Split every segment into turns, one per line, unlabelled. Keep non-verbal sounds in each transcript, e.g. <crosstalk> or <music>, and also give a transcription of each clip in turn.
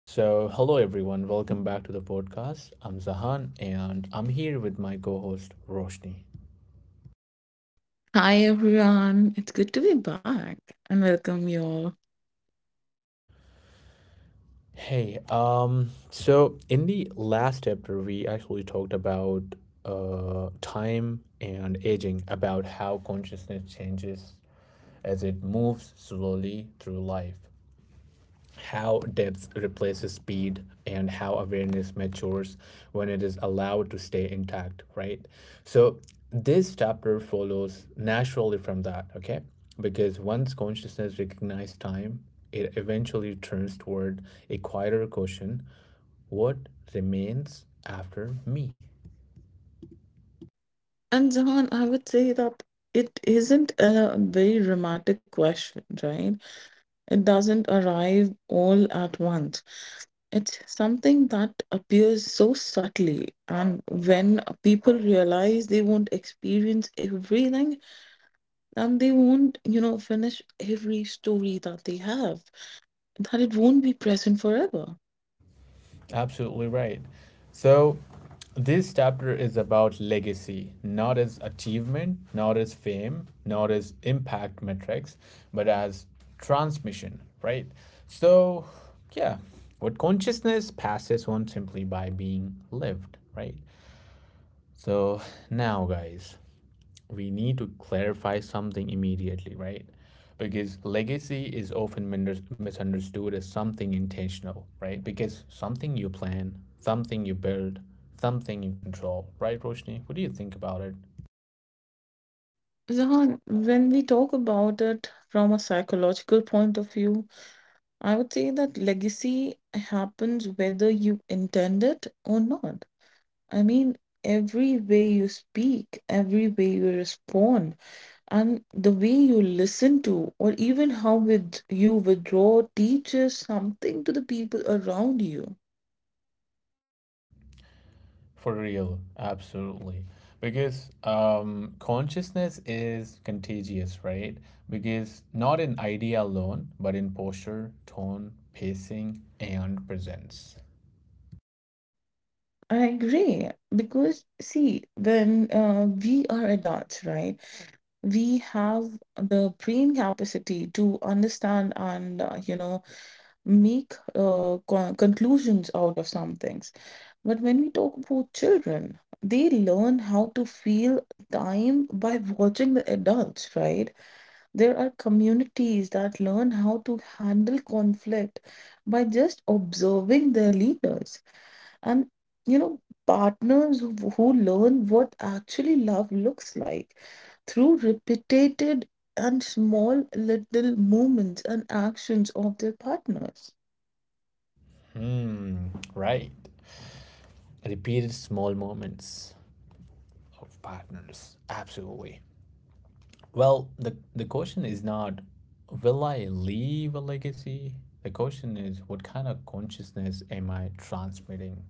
So, hello everyone, welcome back to the podcast. I'm Zahan and I'm here with my co host Roshni.
Hi everyone, it's good to be back and welcome you all.
So in the last chapter, we actually talked about time and aging, about how consciousness changes as it moves slowly through life. How depth replaces speed and how awareness matures when it is allowed to stay intact, right? So this chapter follows naturally from that, okay? Because once consciousness recognizes time, it eventually turns toward a quieter question: what remains after me?
And Zahan, I would say that it isn't a very dramatic question, right? It doesn't arrive all at once. It's something that appears so subtly, and when people realize they won't experience everything, then they won't, you know, finish every story that they have, that it won't be present forever.
Absolutely right. So, this chapter is about legacy, not as achievement, not as fame, not as impact metrics, but as transmission, right? So, yeah, what consciousness passes on simply by being lived, right? So, now, guys, we need to clarify something immediately, right? Because legacy is often misunderstood as something intentional, right? Because something you plan, something you build, something you control, right, Roshni? What do you think about it?
Zahan, when we talk about it from a psychological point of view, I would say that legacy happens whether you intend it or not. I mean, every way you speak, every way you respond, and the way you listen to, or even how with you withdraw, teaches something to the people around you.
For real, absolutely. Because consciousness is contagious, right? Because not in idea alone, but in posture, tone, pacing, and presence.
I agree because see, when we are adults, right? We have the brain capacity to understand and you know, make conclusions out of some things. But when we talk about children, they learn how to feel time by watching the adults, right? There are communities that learn how to handle conflict by just observing their leaders. And, you know, partners who learn what actually love looks like through repeated and small little movements and actions of their partners.
Hmm, right. Repeated small moments of partners. Absolutely. Well, the question is not, will I leave a legacy? The question is, what kind of consciousness am I transmitting?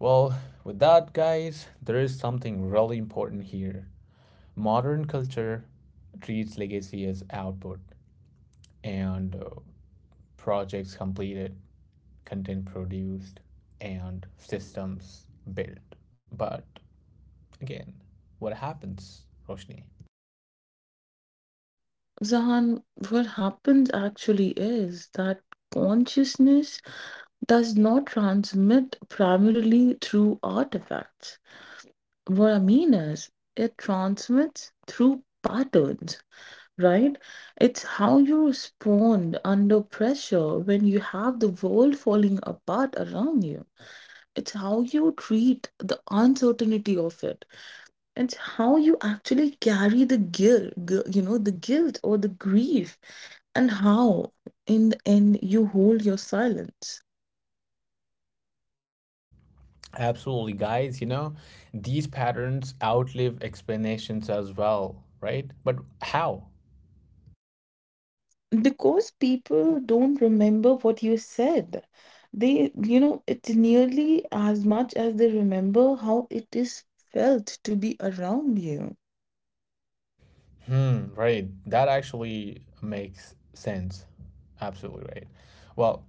Well, with that, guys, there is something really important here. Modern culture treats legacy as output and projects completed, content produced, and systems built. But again, what happens, Roshni?
Zahan, what happens actually is that consciousness does not transmit primarily through artifacts. What I mean is, it transmits through patterns, right? It's how you respond under pressure when you have the world falling apart around you. It's how you treat the uncertainty of it. It's how you actually carry the you know, the guilt or the grief, and how in the end you hold your silence.
Absolutely, guys. You know, these patterns outlive explanations as well, right? But how?
Because people don't remember what you said. They, you know, it's nearly as much as they remember how it is felt to be around you.
Hmm, right. That actually makes sense. Absolutely right. Well,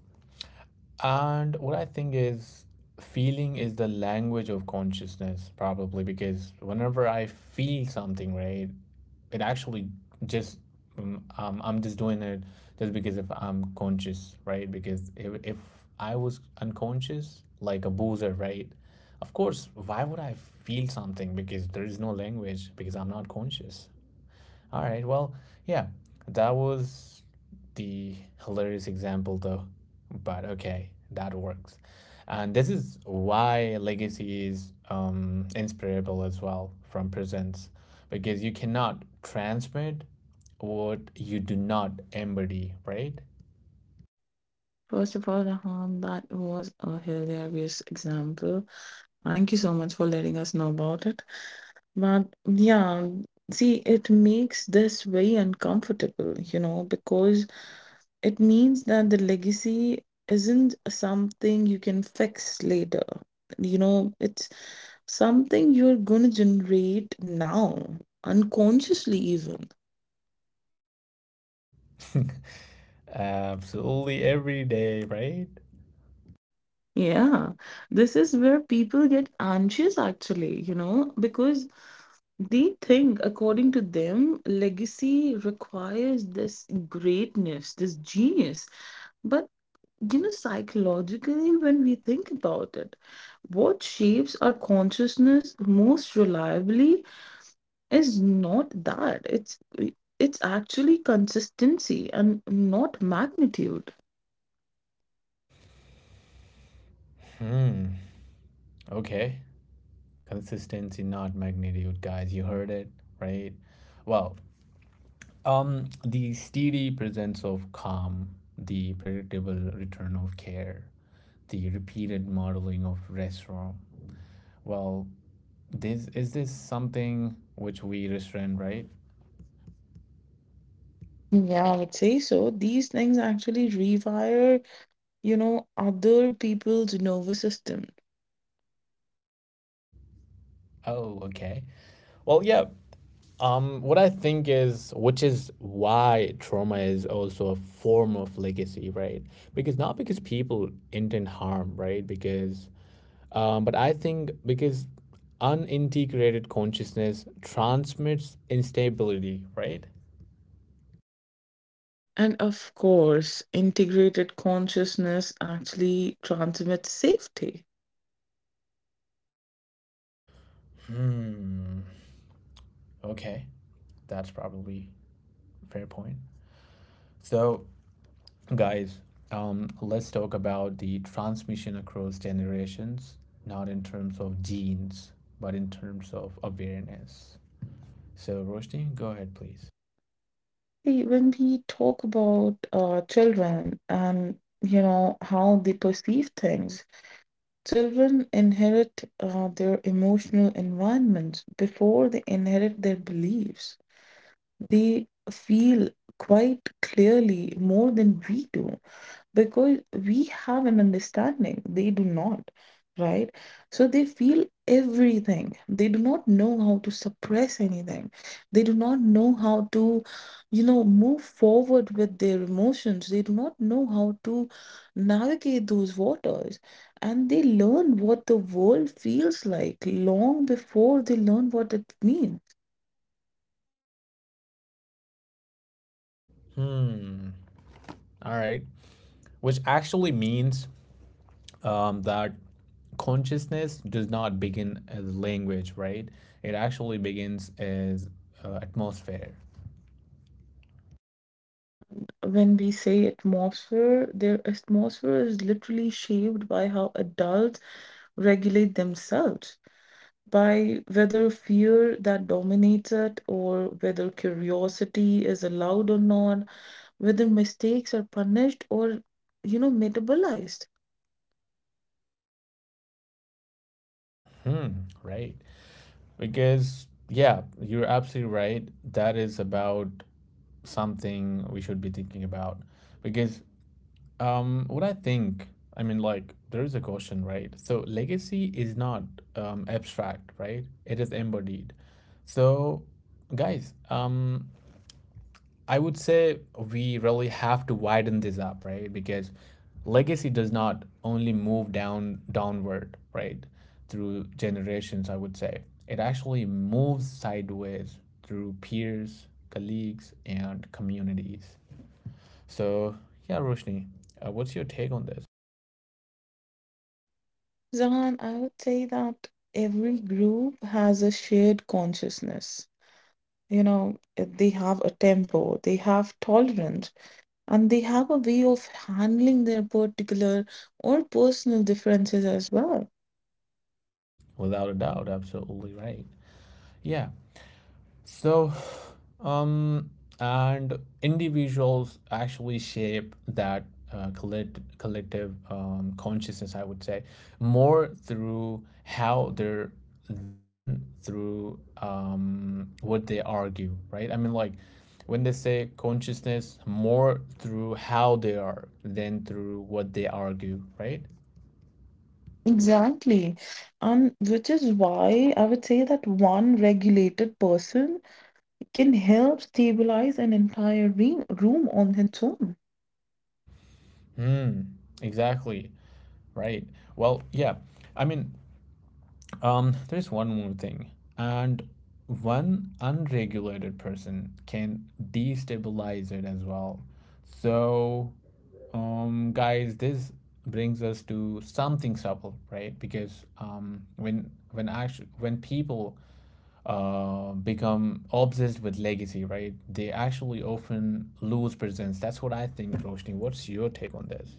and what I think is, feeling is the language of consciousness, probably because whenever I feel something, right, it actually just I'm just doing it just because if I'm conscious, right? Because if I was unconscious, like a boozer, right? Of course, why would I feel something? Because there is no language, because I'm not conscious. All right. Well, yeah, that was the hilarious example, though. But okay, that works. And this is why legacy is inspirable as well from presence, because you cannot transmit what you do not embody, right?
First of all, Rahan, that was a hilarious example. Thank you so much for letting us know about it. But yeah, see, it makes this very uncomfortable, you know, because it means that the legacy isn't something you can fix later. You know, it's something you're going to generate now, unconsciously, even.
<laughs> Absolutely every day, right?
Yeah, this is where people get anxious actually, you know, because they think, according to them, legacy requires this greatness, this genius. But you know, psychologically, when we think about it, what shapes our consciousness most reliably is not that. It's actually consistency and not magnitude.
Hmm. Okay. Consistency, not magnitude, guys. You heard it, right? Well, the steady presence of calm, the predictable return of care, the repeated modeling of restaurant. Well, this is this something which we restrain, right?
Yeah, I would say so. These things actually rewire, you know, other people's nervous system.
Oh, okay. Well, yeah. What I think is, which is why trauma is also a form of legacy, right? Because not because people intend harm, right? Because but I think because unintegrated consciousness transmits instability, right?
And of course, integrated consciousness actually transmits safety.
Hmm. Okay, that's probably a fair point. So, guys, let's talk about the transmission across generations, not in terms of genes, but in terms of awareness. So, Roshni, go ahead, please.
See, when we talk about children and you know how they perceive things, children inherit their emotional environments before they inherit their beliefs. They feel quite clearly more than we do because we have an understanding. They do not, right? So they feel everything. They do not know how to suppress anything. They do not know how to, you know, move forward with their emotions. They do not know how to navigate those waters. And they learn what the world feels like long before they learn what it means.
Hmm. All right. Which actually means that consciousness does not begin as language, right? It actually begins as atmosphere.
And when we say atmosphere, their atmosphere is literally shaped by how adults regulate themselves, by whether fear that dominates it or whether curiosity is allowed or not, whether mistakes are punished or, you know, metabolized.
Hmm, right. Because, yeah, you're absolutely right. That is about something we should be thinking about. Because what I think, I mean, like, there is a question, right? So, legacy is not abstract, right? It is embodied. So, guys, I would say we really have to widen this up, right? Because legacy does not only move down downward, right, through generations, I would say. It actually moves sideways through peers, colleagues, and communities. So, yeah, Roshni, what's your take on this?
Zahan, I would say that every group has a shared consciousness. You know, they have a tempo, they have tolerance and they have a way of handling their particular or personal differences as well.
Without a doubt, absolutely right. Yeah, so, um, and individuals actually shape that collective consciousness, I would say, more through how they're than through what they argue, right? I mean, like when they say consciousness, more through how they are than through what they argue, right?
Exactly. And which is why I would say that one regulated person can help stabilize an entire re room on its own.
Hmm, exactly, right. Well, yeah. I mean, there's one more thing. And one unregulated person can destabilize it as well. So, guys, this brings us to something subtle, right? Because when people become obsessed with legacy, right, they actually often lose presence. That's what I think, Roshni. What's your take on this?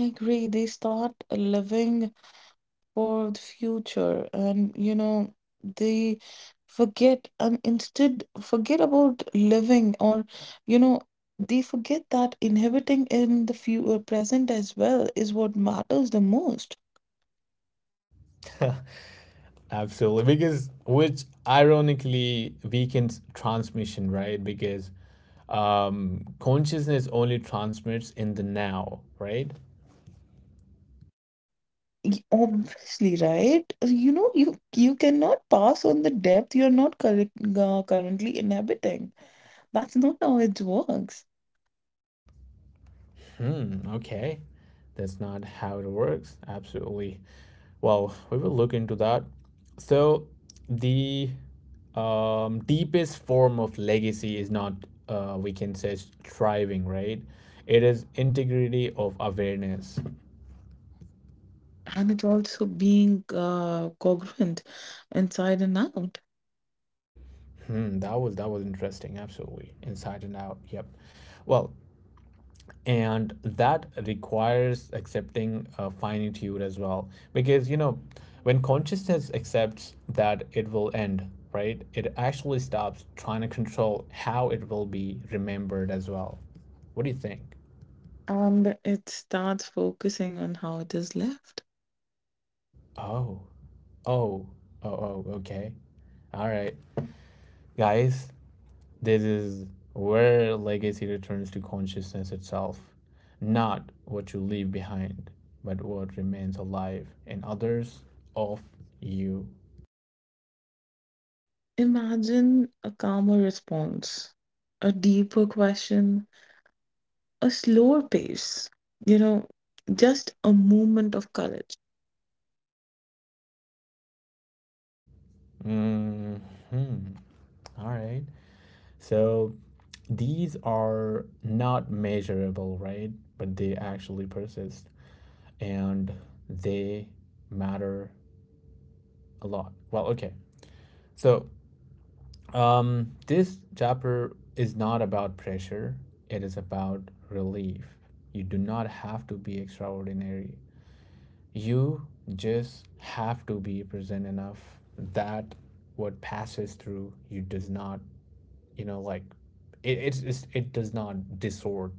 I agree. They start living for the future and you know they forget and instead forget about living or you know they forget that inhabiting in the few present as well is what matters the most.
<laughs> Absolutely, because which ironically weakens transmission, right? Because consciousness only transmits in the now, right?
Obviously right, you know you cannot pass on the depth you're not currently inhabiting. That's not how it works.
Hmm, okay. That's not how it works. Absolutely. Well, we will look into that. So, the deepest form of legacy is not, we can say, striving, right? It is integrity of awareness.
And it's also being congruent inside and out.
Mm, that was interesting. Absolutely, inside and out. Yep. Well, and that requires accepting finitude as well, because you know, when consciousness accepts that it will end, right? It actually stops trying to control how it will be remembered as well. What do you think?
And it starts focusing on how it is left.
Oh, oh, oh. Okay. All right, guys. This is where legacy returns to consciousness itself, not what you leave behind, but what remains alive in others of you.
Imagine a calmer response, a deeper question, a slower pace, you know, just a movement of courage.
Hmm. All right. So these are not measurable, right? But they actually persist and they matter a lot. Well, okay. So this chapter is not about pressure, it is about relief. You do not have to be extraordinary. You just have to be present enough that what passes through you does not, you know, like it it's it does not distort.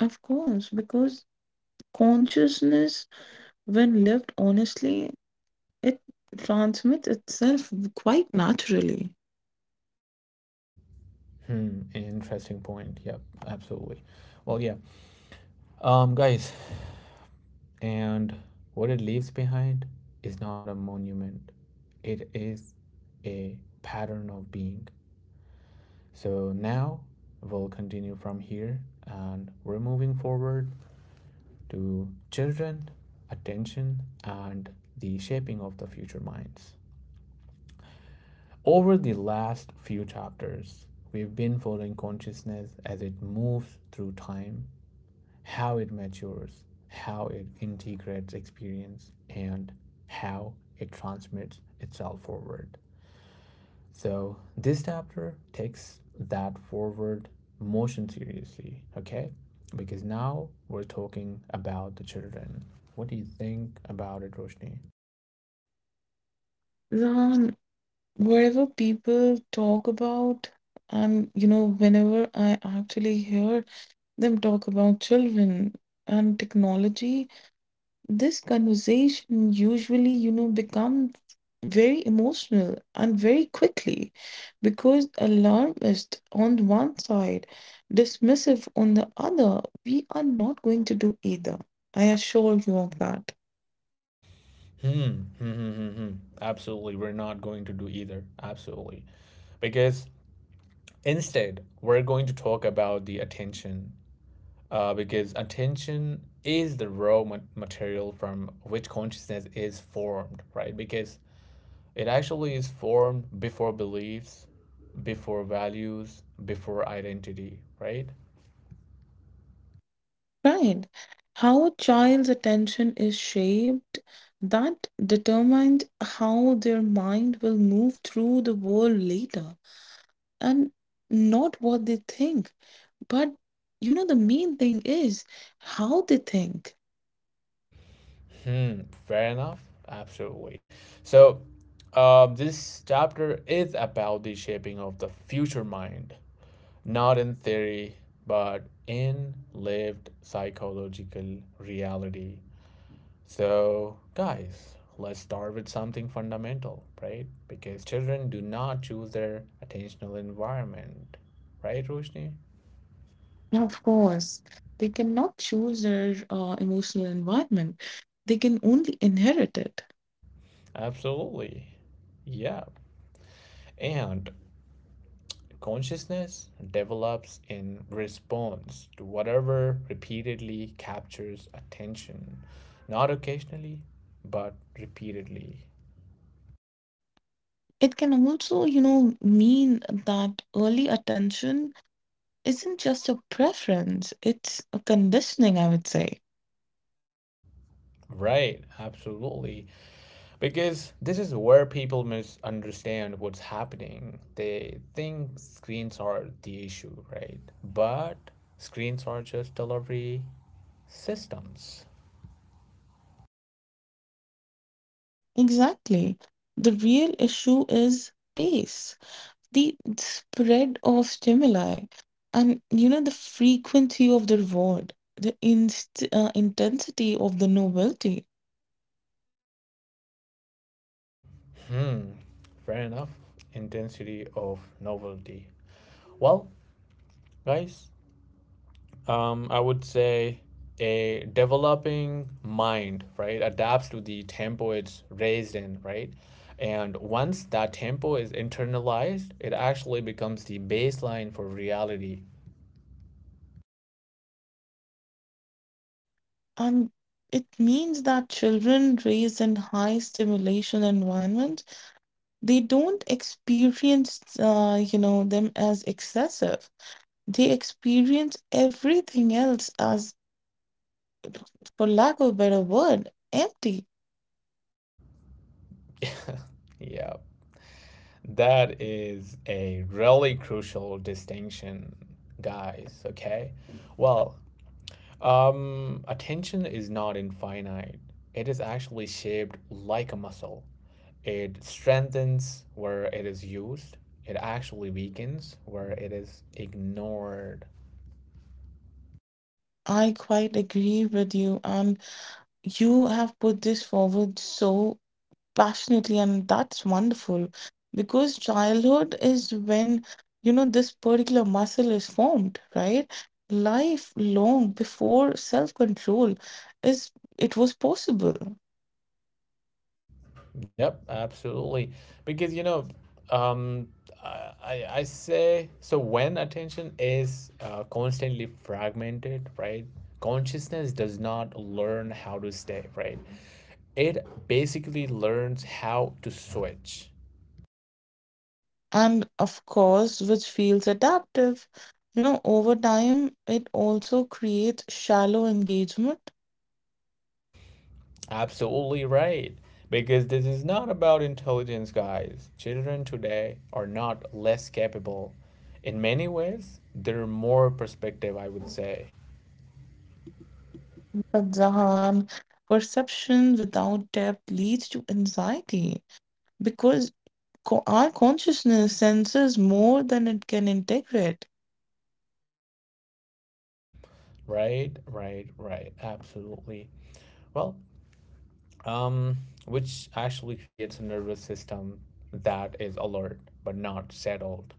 Of course, because consciousness, when lived honestly, it transmits itself quite naturally.
Hmm, interesting point. Yep, absolutely. Well, yeah. Guys, and what it leaves behind is not a monument, it is a pattern of being. So now we'll continue from here and we're moving forward to children, attention, and the shaping of the future minds. Over the last few chapters, we've been following consciousness as it moves through time, how it matures, how it integrates experience, and how it transmits itself forward. So, this chapter takes that forward motion seriously, okay? Because now we're talking about the children. What do you think about it, Roshni?
Ram, wherever people talk about, and you know, whenever I actually hear them talk about children and technology, this conversation usually, you know, becomes very emotional and very quickly because alarmist on one side, dismissive on the other, we are not going to do either. I assure you of that.
Hmm. Absolutely, we're not going to do either. Absolutely. Because instead, we're going to talk about the attention because attention is the raw material from which consciousness is formed, right? Because it actually is formed before beliefs, before values, before identity, right?
Right. How a child's attention is shaped, that determines how their mind will move through the world later. And not what they think. But you know, the main thing is how they think.
Hmm, fair enough. Absolutely. So, this chapter is about the shaping of the future mind, not in theory, but in lived psychological reality. So, guys, let's start with something fundamental, right? Because children do not choose their attentional environment, right, Roshni?
Of course, they cannot choose their emotional environment, they can only inherit it.
Absolutely. Yeah. And consciousness develops in response to whatever repeatedly captures attention, not occasionally, but repeatedly.
It can also, you know, mean that early attention isn't just a preference, it's a conditioning, I would say.
Right, absolutely. Because this is where people misunderstand what's happening. They think screens are the issue, right? But screens are just delivery systems.
Exactly. The real issue is pace, the spread of stimuli, and you know, the frequency of the reward, the inst intensity of the novelty.
Hmm, fair enough. Intensity of novelty. Well, guys, I would say a developing mind, right, adapts to the tempo it's raised in, right? And once that tempo is internalized, it actually becomes the baseline for reality.
And it means that children raised in high stimulation environments, they don't experience you know them as excessive, they experience everything else as, for lack of a better word, empty.
Yeah, that is a really crucial distinction, guys. Okay, well, attention is not infinite. It is actually shaped like a muscle. It strengthens where it is used. It actually weakens where it is ignored.
I quite agree with you, and you have put this forward so passionately, and that's wonderful because childhood is when, you know, this particular muscle is formed, right? Life long before self control is, it was possible.
Yep, absolutely. Because you know, um, I say so when attention is constantly fragmented, right? Consciousness does not learn how to stay, right? It basically learns how to switch.
And of course, which feels adaptive, you know, over time it also creates shallow engagement.
Absolutely right. Because this is not about intelligence, guys. Children today are not less capable. In many ways, they're more perspective, I would say.
But Zahan, perception without depth leads to anxiety because our consciousness senses more than it can integrate,
Right, right, right. Absolutely. Well, um, which actually creates a nervous system that is alert but not settled.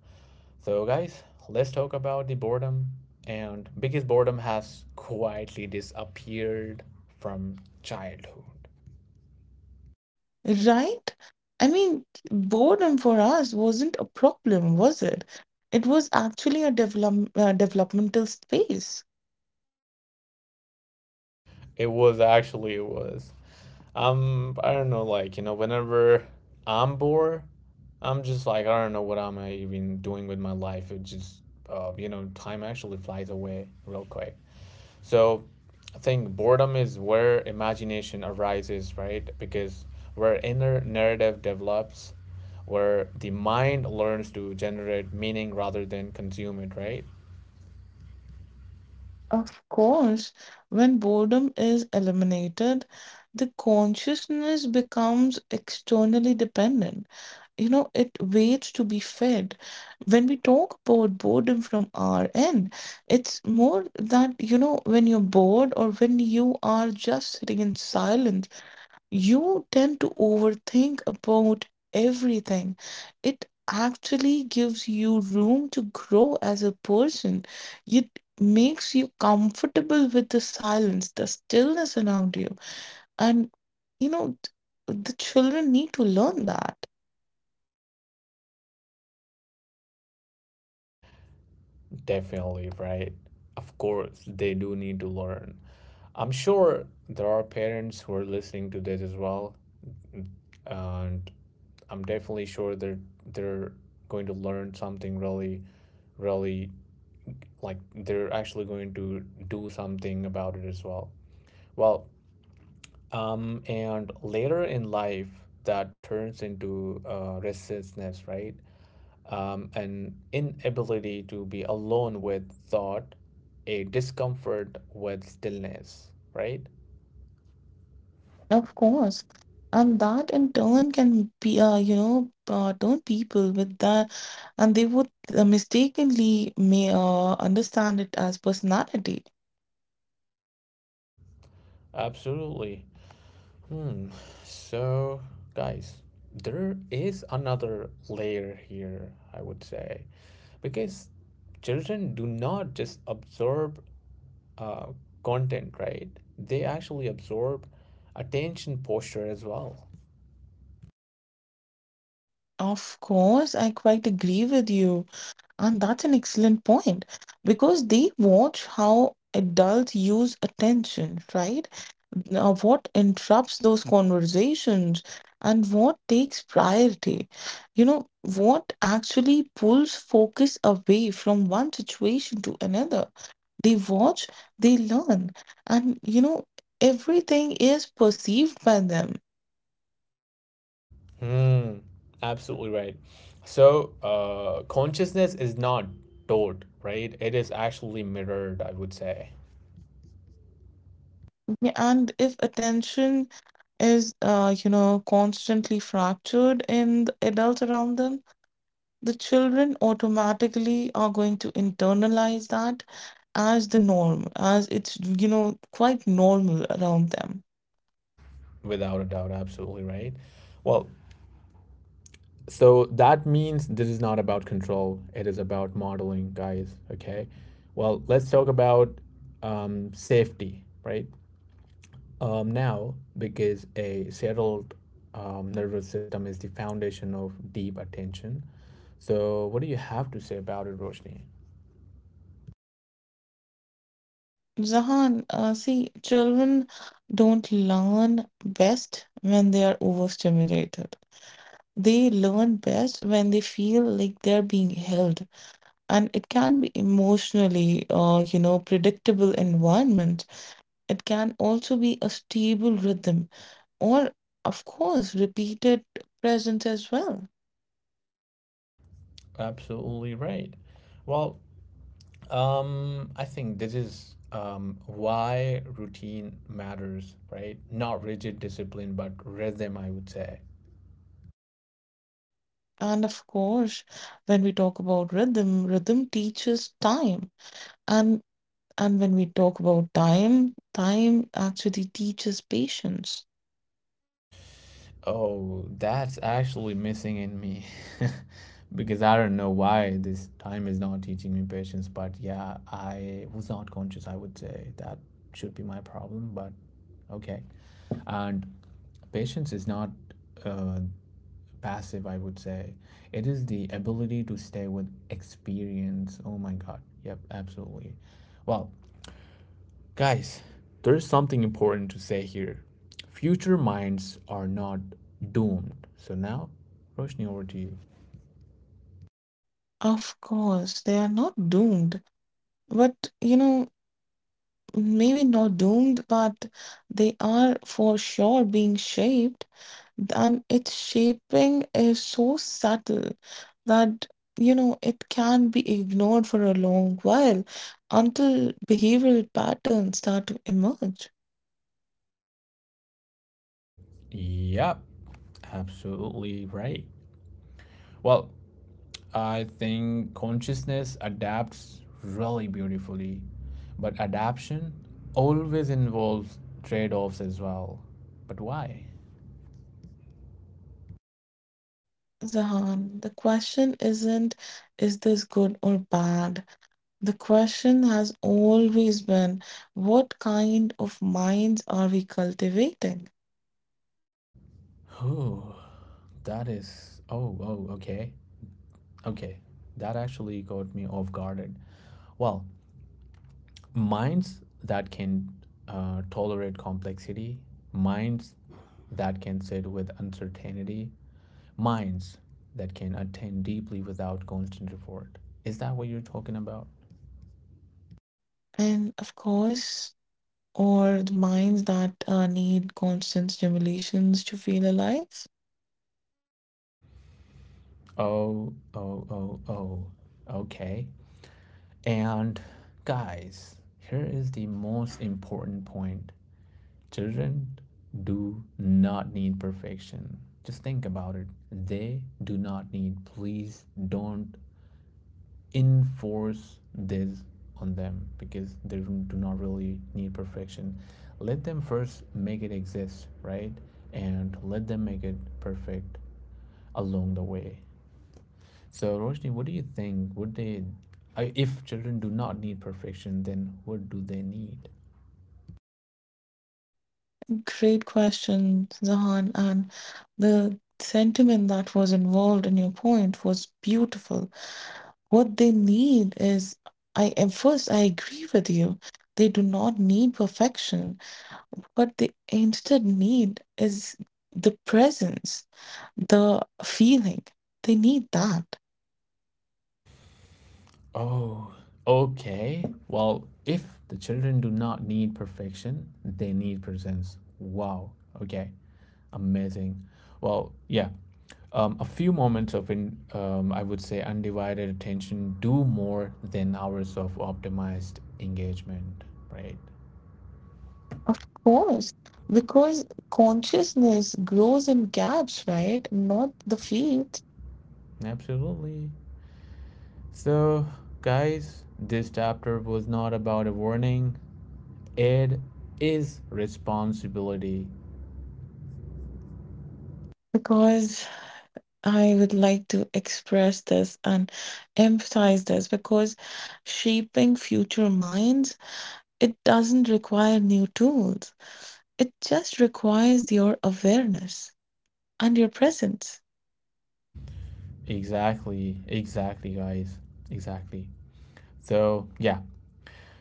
So, guys, let's talk about the boredom. And because boredom has quietly disappeared from childhood.
right? I mean, boredom for us wasn't a problem, was it? It was actually a developmental space.
It was actually, it was. I don't know, like you know, whenever I'm bored, I'm just like I don't know what I'm even doing with my life. It just, you know, time actually flies away real quick. So I think boredom is where imagination arises, right? Because where inner narrative develops, where the mind learns to generate meaning rather than consume it, right?
Of course, when boredom is eliminated, the consciousness becomes externally dependent. You know, it waits to be fed. When we talk about boredom from our end, it's more that, you know, when you're bored or when you are just sitting in silence, you tend to overthink about everything. It actually gives you room to grow as a person. It makes you comfortable with the silence, the stillness around you. And, you know, the children need to learn that,
Definitely, right? Of course, they do need to learn. I'm sure there are parents who are listening to this as well, and I'm definitely sure they're going to learn something really, really, like they're actually going to do something about it as well. Well, and later in life that turns into restlessness, right? An inability to be alone with thought, a discomfort with stillness, right?
of course. And that in turn can be, you know, turn people with that, and they would mistakenly may understand it as personality.
Absolutely. Hmm. So, guys, there is another layer here, I would say, because children do not just absorb uh, content, right? They actually absorb attention posture as well.
Of course, I quite agree with you. And that's an excellent point because they watch how adults use attention, right? Now, what interrupts those conversations and what takes priority? You know, what actually pulls focus away from one situation to another? They watch, they learn, and you know, everything is perceived by them.
Hmm, absolutely right. So, consciousness is not taught, right? It is actually mirrored, I would say,
Yeah, and if attention is, you know, constantly fractured in the adults around them, the children automatically are going to internalize that as the norm, as it's, you know, quite normal around them.
without a doubt. Absolutely right. Well, so that means this is not about control, it is about modeling, guys. Okay. Well, let's talk about safety, right? Now, because a settled nervous system is the foundation of deep attention. So, what do you have to say about it, Roshni?
Zahan, see, children don't learn best when they are overstimulated. They learn best when they feel like they're being held, and it can be emotionally, you know, predictable environment, it can also be a stable rhythm, or of course repeated presence as well.
Absolutely right. Well, I think this is why routine matters, right? Not rigid discipline, but rhythm, I would say.
And of course, when we talk about rhythm teaches time. And when we talk about time actually teaches patience.
Oh, that's actually missing in me <laughs> because I don't know why this time is not teaching me patience, but yeah, I was not conscious, I would say. That should be my problem, but okay. And patience is not uh, passive, I would say. It is the ability to stay with experience. Oh my God. Yep, absolutely. Well, guys, there is something important to say here. Future minds are not doomed. So now, Roshni, over to you.
Of course they are not doomed, but you know, maybe not doomed, but they are for sure being shaped. And its shaping is so subtle that, you know, it can be ignored for a long while until behavioral patterns start to emerge.
Yep, absolutely right. Well, I think consciousness adapts really beautifully, but adaptation always involves trade offs as well. But why?
Zahan, the question isn't is this good or bad? The question has always been what kind of minds are we cultivating?
Oh, that is. Oh, okay. Okay. That actually caught me off guard. Well, minds that can tolerate complexity, minds that can sit with uncertainty, minds that can attend deeply without constant effort. Is that what you're talking about?
And of course, or the minds that need constant stimulations to feel alive?
Oh. Okay. And guys, here is the most important point. Children do not need perfection. Just think about it. They do not need, please don't enforce this on them because they do not really need perfection. Let them first make it exist, right? And let them make it perfect along the way. So, Roshni, what do you think? Would they, if children do not need perfection, then what do they need?
Great question, Zahan. And the sentiment that was involved in your point was beautiful. What they need is, I at first I agree with you. They do not need perfection. What they instead need is the presence, the feeling. They need that.
Oh, okay. Well, if the children do not need perfection, they need presence. Wow. Okay. Amazing. Well, yeah. A few moments of, I would say, undivided attention do more than hours of optimized engagement, right?
Of course, because consciousness grows in gaps, right? Not the feet.
Absolutely. So, guys, this chapter was not about a warning. It is responsibility.
Because I would like to express this and emphasize this because shaping future minds, it doesn't require new tools. It just requires your awareness and your presence.
Exactly, exactly, guys. Exactly. So, yeah,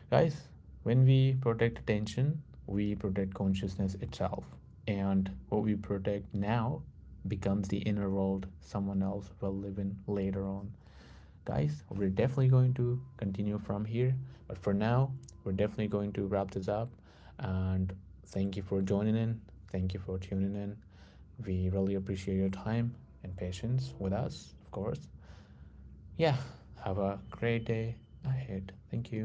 guys, when we protect attention, we protect consciousness itself. And what we protect now becomes the inner world someone else will live in later on. Guys, we're definitely going to continue from here. But for now, we're definitely going to wrap this up. And thank you for joining in. Thank you for tuning in. We really appreciate your time and patience with us, of course. Yeah, have a great day ahead. Thank you.